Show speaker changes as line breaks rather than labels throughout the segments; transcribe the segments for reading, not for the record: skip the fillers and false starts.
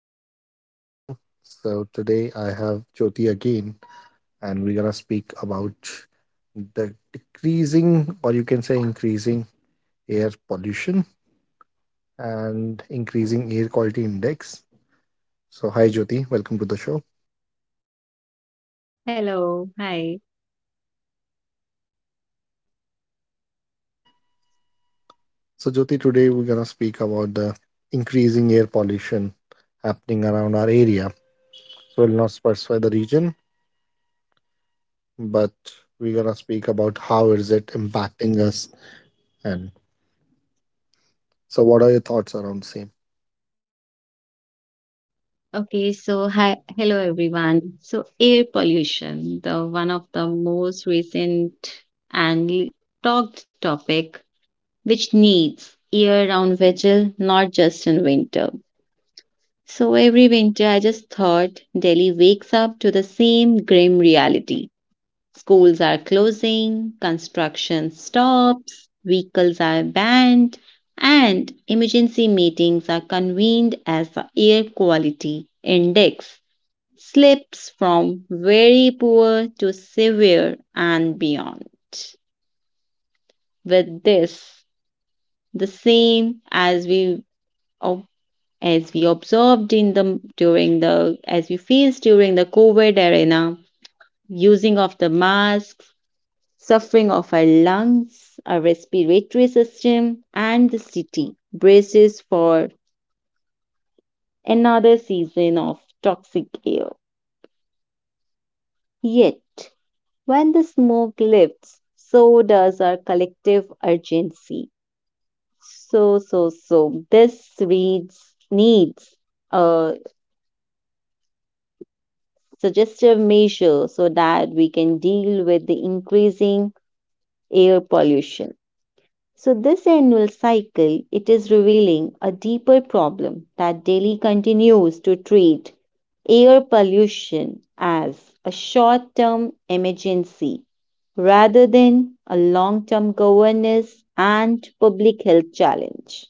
welcome back to our channel. So, today I have Jyoti again, and we're gonna speak about the decreasing, or you can say increasing, air pollution and increasing air quality index. So, hi, Jyoti, welcome to the show.
Hello, hi.
So, Jyoti, today we're gonna speak about the increasing air pollution happening around our area. So, we'll not specify the region, but we're gonna speak about how is it impacting us and so what are your thoughts around same
Okay, so hi, hello everyone. So air pollution, the one of the most recent and l- talked topic, which needs year-round vigil, not just in winter. So every winter, I just thought Delhi wakes up to the same grim reality. Schools are closing, construction stops, vehicles are banned, and emergency meetings are convened as the air quality index slips from very poor to severe and beyond. With this, the same as ob- as we observed in the during the as we faced during the COVID arena, using of the masks, suffering of our lungs, our respiratory system, and the city braces for another season of toxic air. Yet, when the smoke lifts, so does our collective urgency. So, this reads needs a suggestive measure so that we can deal with the increasing air pollution. So this annual cycle it is revealing a deeper problem that Delhi continues to treat air pollution as a short-term emergency rather than a long-term governance and public health challenge.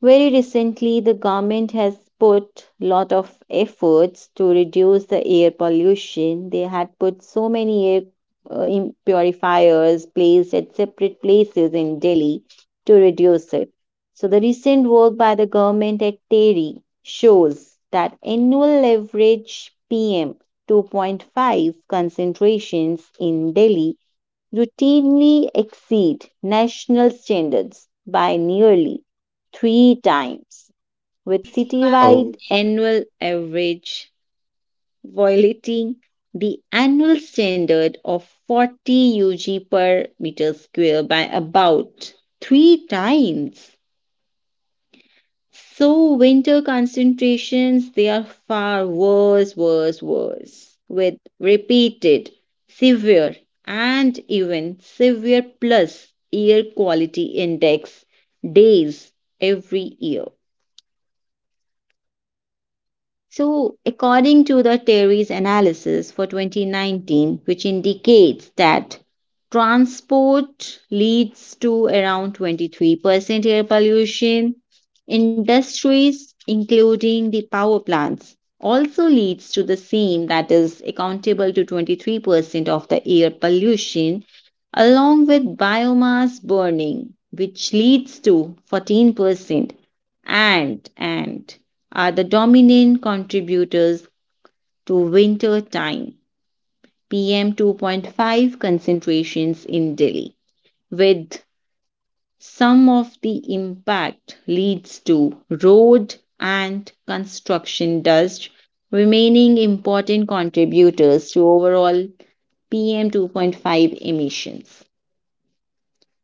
Very recently, the government has put lot of efforts to reduce the air pollution. They had put so many air purifiers placed at separate places in Delhi to reduce it. So the recent work by the government at Terry shows that annual average PM 2.5 concentrations in Delhi routinely exceed national standards by nearly three times, with
Oh,
citywide annual average violating the annual standard of 40 UG per meter square by about three times. So winter concentrations they are far worse, with repeated, severe, and even severe plus air quality index days every year. So, according to the Terry's analysis for 2019, which indicates that transport leads to around 23% air pollution, industries, including the power plants, also leads to the same that is accountable to 23% of the air pollution along with biomass burning which leads to 14% and are the dominant contributors to winter time PM 2.5 concentrations in Delhi, with some of the impact leads to road and construction dust remaining important contributors to overall PM 2.5 emissions.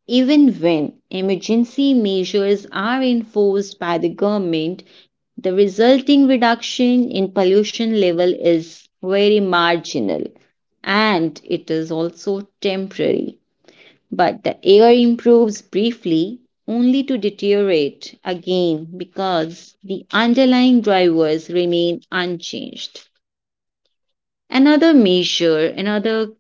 Even when emergency measures are enforced by the government, the resulting reduction in pollution level is very marginal and it is also temporary. But the air improves briefly only to deteriorate again because the underlying drivers remain unchanged. Another measure, another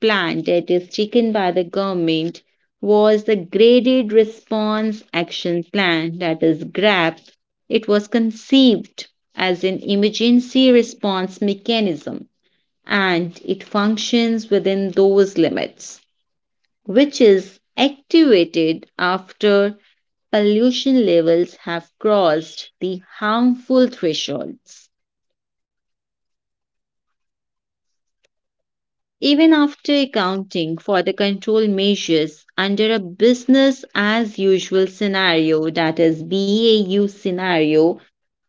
plan that is taken by the government was the Graded Response Action Plan, that is GRAP. It was conceived as an emergency response mechanism and it functions within those limits, which is activated after pollution levels have crossed the harmful thresholds. Even after accounting for the control measures under a business as usual scenario, that is BAU scenario,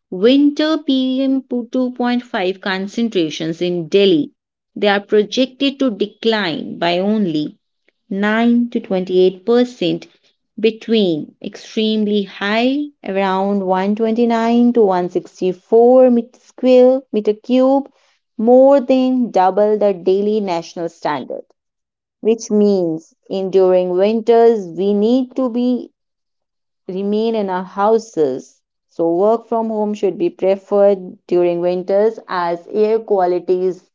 winter PM 2.5 concentrations in Delhi. They are projected to decline by only 9 to 28% between extremely high around 129 to 164 meter square meter cube more than double the daily national standard, which means in during winters we need to be remain in our houses, so work from home should be preferred during winters as air quality is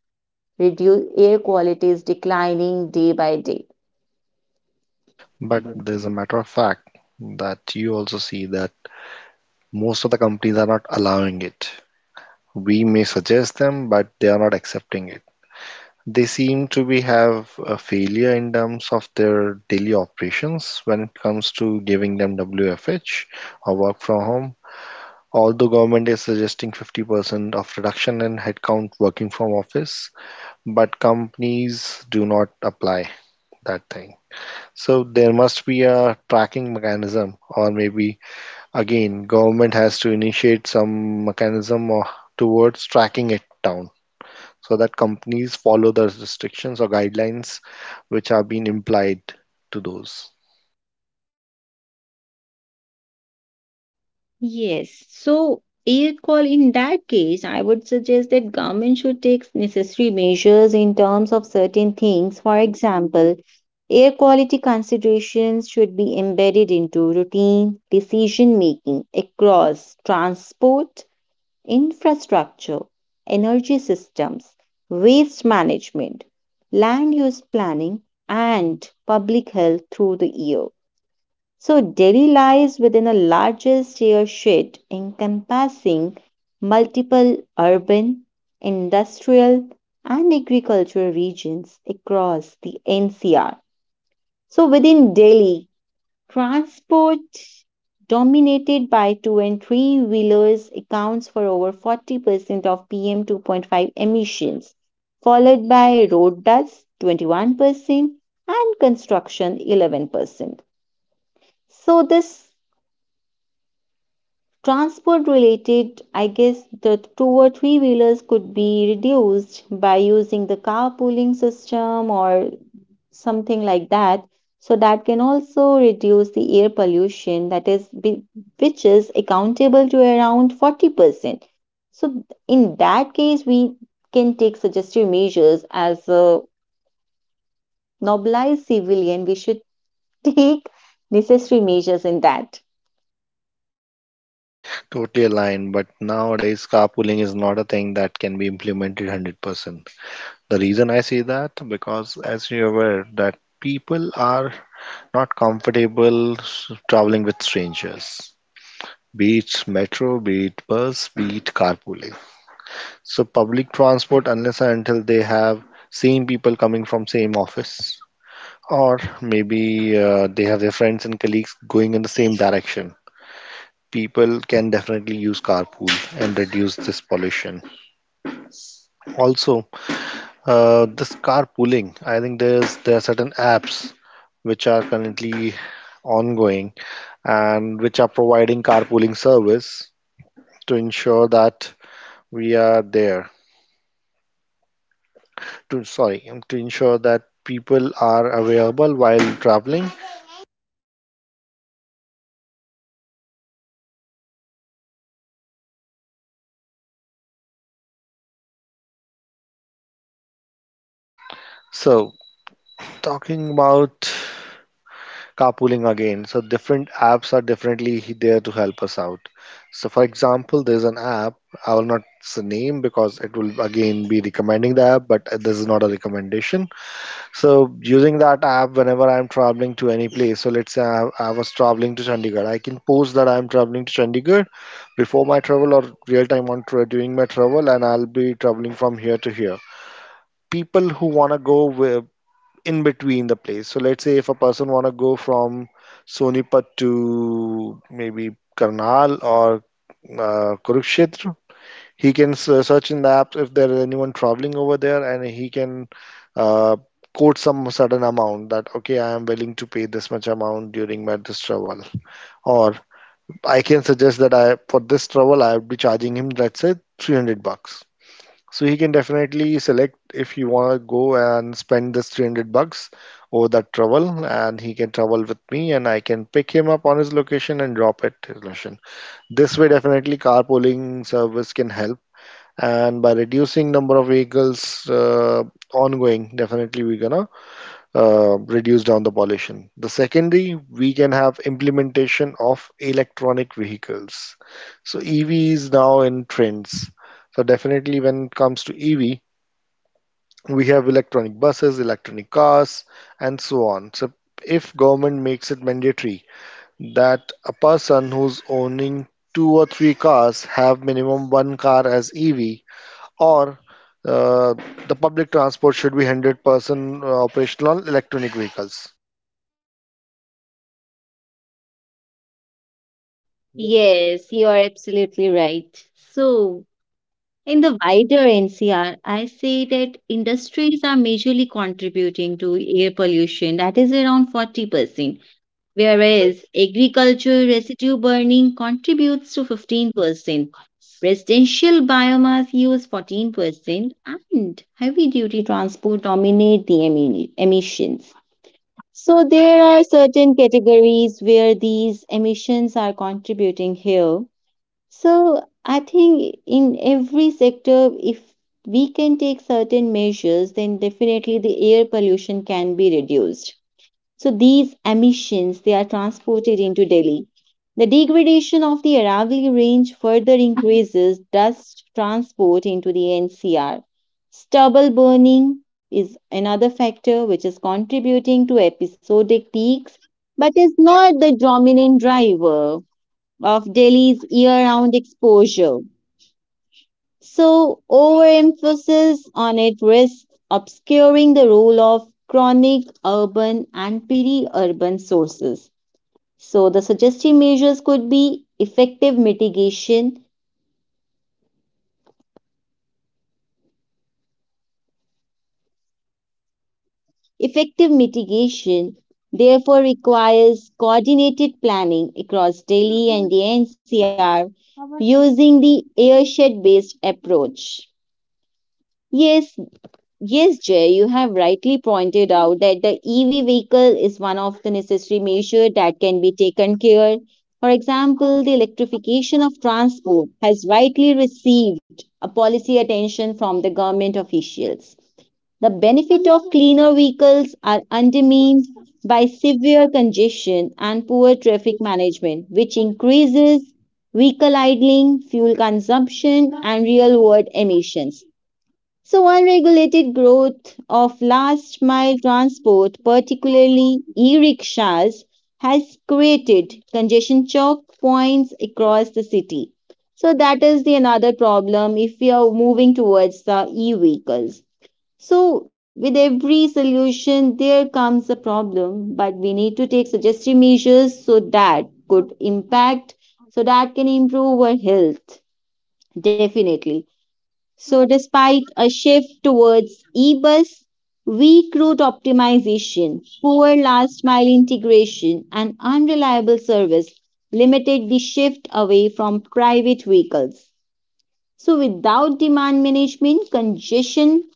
reduce air quality is declining day by day.
but there's a matter of fact that you also see that most of the companies are not allowing it. We may suggest them, but they are not accepting it. They seem to be have a failure in terms of their daily operations when it comes to giving them WFH or work from home. Although government is suggesting 50% of reduction in headcount working from office, but companies do not apply that thing. So there must be a tracking mechanism, or maybe again, government has to initiate some mechanism or towards tracking it down so that companies follow the restrictions or guidelines which are being implied to those.
Yes. So, air call in that case, I would suggest that government should take necessary measures in terms of certain things. For example, air quality considerations should be embedded into routine decision making across transport, infrastructure, energy systems, waste management, land use planning, and public health through the year. So, Delhi lies within a largest airshed encompassing multiple urban, industrial, and agricultural regions across the NCR. So, within Delhi, transport dominated by two and three wheelers accounts for over 40% of PM 2.5 emissions, followed by road dust 21% and construction 11%. So, this transport related I guess the two or three wheelers could be reduced by using the carpooling system or something like that, so that can also reduce the air pollution that is which is accountable to around 40%. So in that case we can take suggestive measures as a nobilized civilian, we should take necessary measures in that.
Totally aligned, but nowadays carpooling is not a thing that can be implemented 100%. The reason I say that because as you're aware that people are not comfortable traveling with strangers. Be it metro, be it bus, be it carpooling. So public transport, unless and until they have same people coming from same office, or maybe they have their friends and colleagues going in the same direction. People can definitely use carpool and reduce this pollution. Also, this carpooling, I think there are certain apps which are currently ongoing and which are providing carpooling service to ensure that we are there to sorry to ensure that people are available while traveling, so talking about carpooling again, so different apps are definitely there to help us out. So for example, there's an app, I will not name because it will again be recommending the app, but this is not a recommendation. So using that app, whenever I'm traveling to any place, so let's say I was traveling to Chandigarh, I can post that I'm traveling to Chandigarh before my travel or real time on during my travel, and I'll be traveling from here to here. People who wanna go in between the place. So let's say if a person wanna go from Sonipat to maybe Karnal or Kurukshetra, he can search in the app if there is anyone traveling over there, and he can uh, quote some certain amount that, okay, I am willing to pay this much amount during my this travel. Or I can suggest that I for this travel I would be charging him, let's say, 300 bucks. So he can definitely select if he want to go and spend this 300 bucks over that travel, and he can travel with me, and I can pick him up on his location and drop at his location. This way, definitely carpooling service can help, and by reducing number of vehicles ongoing, definitely we're gonna reduce down the pollution. The secondary, we can have implementation of electronic vehicles. So EV is now in trends, so definitely when it comes to EV, we have electronic buses, electronic cars, and so on. So if government makes it mandatory that a person who's owning two or three cars have minimum one car as EV, or uh, the public transport should be 100% operational on electronic vehicles.
Yes, you are absolutely right. So in the wider NCR, I say that industries are majorly contributing to air pollution, that is around 40%, whereas agriculture residue burning contributes to 15%, residential biomass use 14%, and heavy duty transport dominate the emissions. So there are certain categories where these emissions are contributing here, so I think in every sector, if we can take certain measures, then definitely the air pollution can be reduced. So these emissions, they are transported into Delhi. The degradation of the Aravalli range further increases dust transport into the NCR. Stubble burning is another factor which is contributing to episodic peaks, but is not the dominant driver of Delhi's year round exposure. So, overemphasis on it risks obscuring the role of chronic urban and peri urban sources. So, the suggested measures could be effective mitigation. Effective mitigation, therefore, requires coordinated planning across Delhi and the NCR using the airshed based approach. Yes, yes, Jay, you have rightly pointed out that the EV vehicle is one of the necessary measure that can be taken care. For example, the electrification of transport has rightly received a policy attention from the government officials. The benefit of cleaner vehicles are undermined by severe congestion and poor traffic management, which increases vehicle idling, fuel consumption, and real world emissions. So, unregulated growth of last mile transport, particularly e rickshaws, has created congestion choke points across the city. So, that is the another problem if we are moving towards the e vehicles. So, with every solution, there comes a problem, but we need to take suggestive measures so that could impact, so that can improve our health, definitely. So, despite a shift towards e bus, weak route optimization, poor last mile integration, and unreliable service limited the shift away from private vehicles. So, without demand management, congestion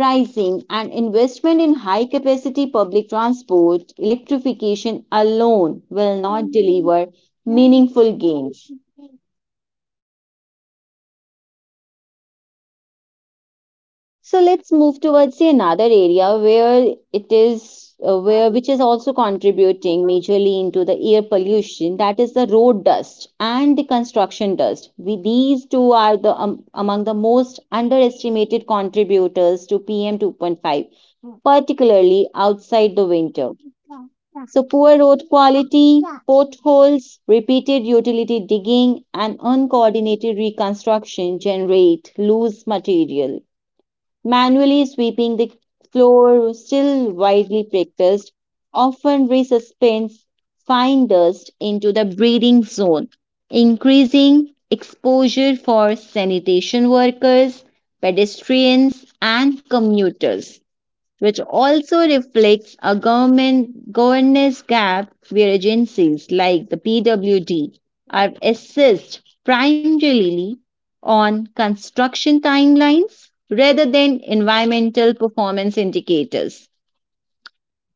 pricing, and investment in high capacity public transport, electrification alone will not deliver meaningful gains. So let's move towards the another area where it is where which is also contributing majorly into the air pollution, that is the road dust and the construction dust. We, these two are the among the most underestimated contributors to PM 2.5 particularly outside the winter. So poor road quality, potholes, repeated utility digging and uncoordinated reconstruction generate loose material manually sweeping the floor, still widely practiced, often resuspends fine dust into the breathing zone, increasing exposure for sanitation workers, pedestrians, and commuters, which also reflects a government governance gap where agencies like the PWD are assessed primarily on construction timelines rather than environmental performance indicators.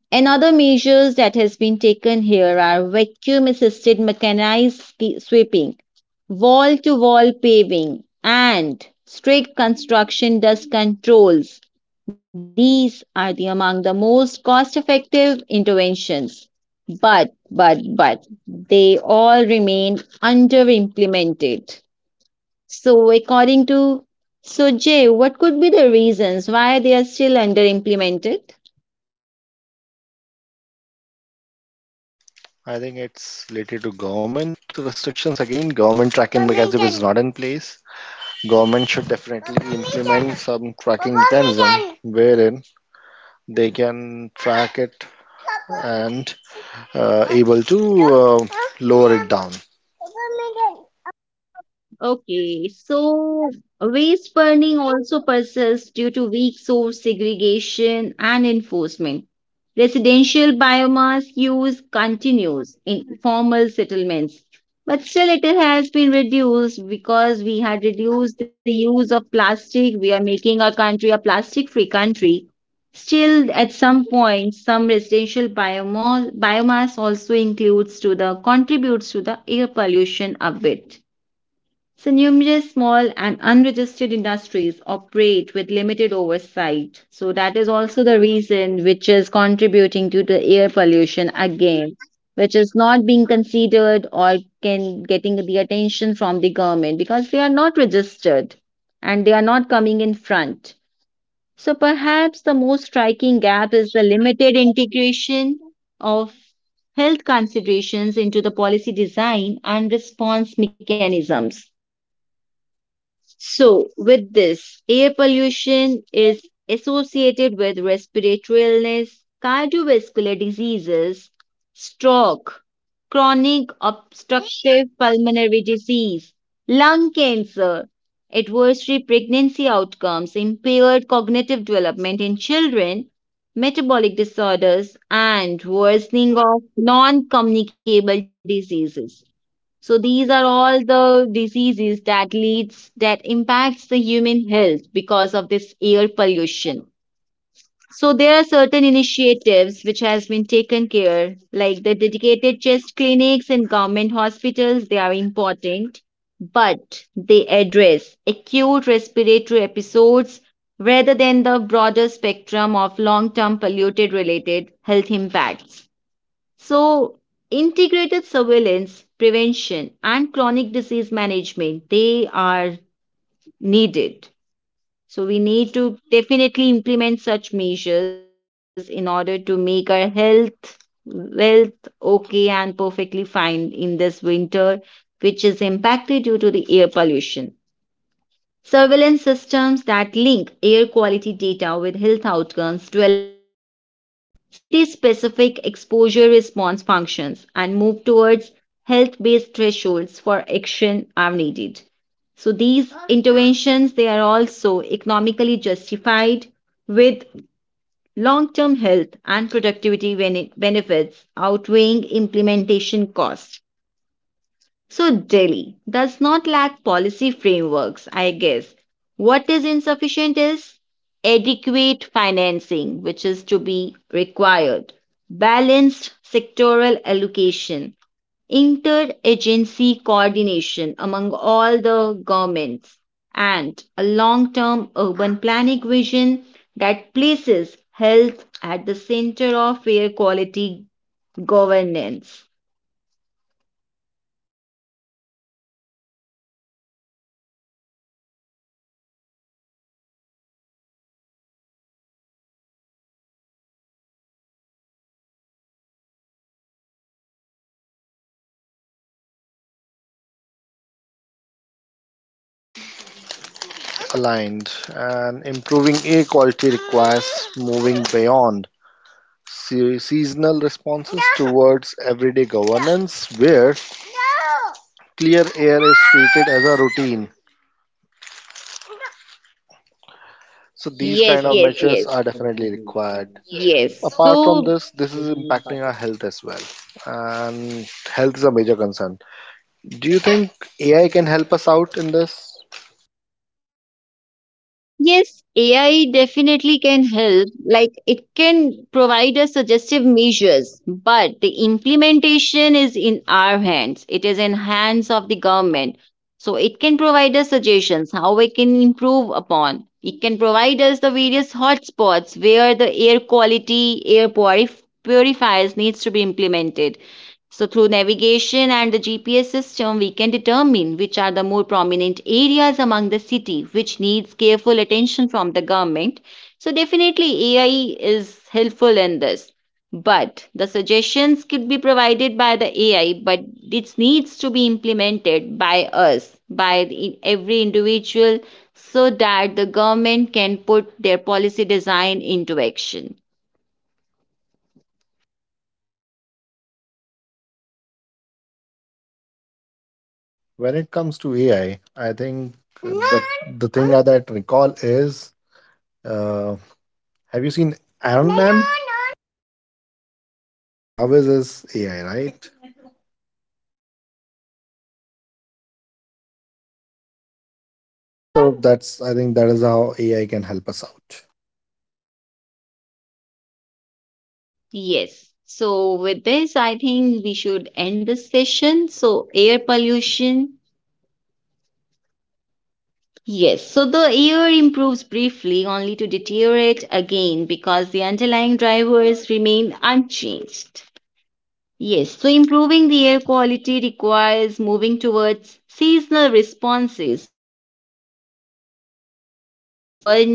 Another measures that has been taken here are vacuum assisted mechanized sweeping, wall to wall paving and strict construction dust controls. These are the among the most cost effective interventions. But they all remain under implemented. So according to Sojay, what could be the reasons why they are still under implemented?
I think it's related to government restrictions again. Government tracking mechanism is not in place. Government should definitely implement some tracking mechanism wherein they can track it and able to lower it down.
Okay, so waste burning also persists due to weak source segregation and enforcement. Residential biomass use continues in formal settlements, but still it has been reduced because we had reduced the use of plastic. We are making our country a plastic free country. Still, at some point, some residential biomass also includes to the contributes to the air pollution a bit. So numerous small and unregistered industries operate with limited oversight. So that is also the reason which is contributing to the air pollution again, which is not being considered or can getting the attention from the government because they are not registered and they are not coming in front. So perhaps the most striking gap is the limited integration of health considerations into the policy design and response mechanisms. So, with this, air pollution is associated with respiratory illness, cardiovascular diseases, stroke, chronic obstructive pulmonary disease, lung cancer, adversary pregnancy outcomes, impaired cognitive development in children, metabolic disorders, and worsening of non communicable diseases. So these are all the diseases that leads that impacts the human health because of this air pollution. So there are certain initiatives which has been taken care, like the dedicated chest clinics and government hospitals, they are important, but they address acute respiratory episodes rather than the broader spectrum of long-term polluted related health impacts. So, integrated surveillance, prevention, and chronic disease management, they are needed. So, we need to definitely implement such measures in order to make our health, wealth okay and perfectly fine in this winter, which is impacted due to the air pollution. Surveillance systems that link air quality data with health outcomes develop city specific exposure response functions and move towards health based thresholds for action are needed. So these interventions they are also economically justified with long term health and productivity benefits outweighing implementation costs. So, Delhi does not lack policy frameworks, I guess. What is insufficient is adequate financing, which is to be required, balanced sectoral allocation, interagency coordination among all the governments, and a long term urban planning vision that places health at the center of air quality governance.
Aligned, and improving air quality requires moving beyond seasonal responses towards everyday governance, where clear air is treated as a routine. So these
Yes,
kind of
yes,
measures
yes,
are definitely required.
yes.
Apart from
So
this, this is impacting our health as well, and health is a major concern. Do you think AI can help us out in this?
yes, AI definitely can help. Like it can provide us suggestive measures, but the implementation is in our hands. It is in hands of the government. So it can provide us suggestions how we can improve upon. It can provide us the various hotspots where the air quality, purifiers needs to be implemented, so through navigation and the GPS system, we can determine which are the more prominent areas among the city which needs careful attention from the government. So, definitely AI is helpful in this. But the suggestions could be provided by the AI, but it needs to be implemented by us, by every individual, so that the government can put their policy design into action.
When it comes to AI, I think the the thing that I recall is, uh, have you seen Iron Man? Jarvis is AI, right? So that's, I think, that is how AI can help us out.
Yes. So, with this, I think we should end this session. So, air pollution. Yes. So, the air improves briefly only to deteriorate again because the underlying drivers remain unchanged. Yes. So, improving the air quality requires moving towards seasonal responses, towards everyday governance,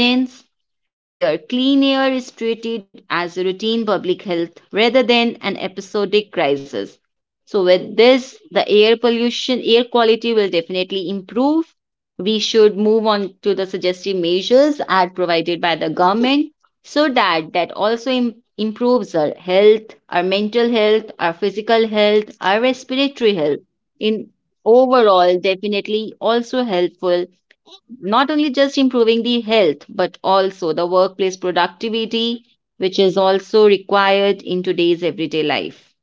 where clean air is treated as a routine public health rather than an episodic crisis. So, with this, the air pollution, air quality will definitely improve. We should move on to the suggested measures as provided by the government so that that also improves our health, our mental health, our physical health, our respiratory health. In overall, definitely also helpful, not only just improving the health but also the workplace productivity which is also required in today's everyday life.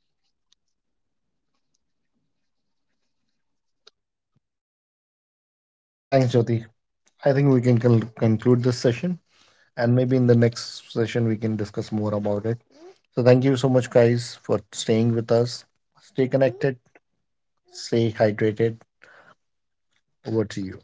Thanks, Jyoti. I think we can conclude this session, and maybe in the next session we can discuss more about it. So thank you so much, guys, for staying with us. Stay connected. Stay hydrated. Over to you.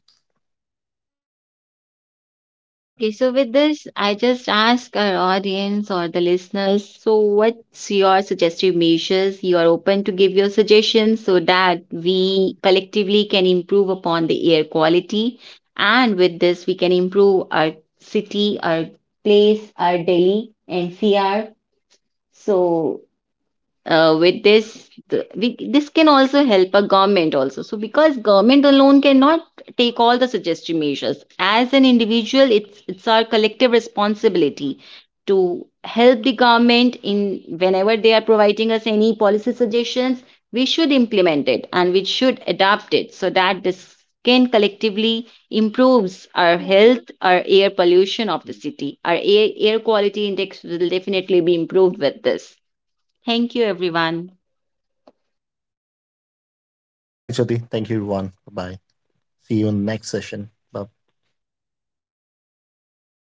Okay, so with this, I just ask our audience or the listeners, so what's your suggestive measures? You are open to give your suggestions so that we collectively can improve upon the air quality. And with this, we can improve our city, our place, our Delhi NCR. So with this we, this can also help a government also, so because government alone cannot take all the suggested measures, as an individual it's our collective responsibility to help the government in whenever they are providing us any policy suggestions, we should implement it and we should adapt it so that this can collectively improves our health, our air pollution of the city, our air quality index will definitely be improved with this. Thank you, everyone.
Thanks, Jyoti. Thank you, everyone. Bye. See you in the next session. Bye.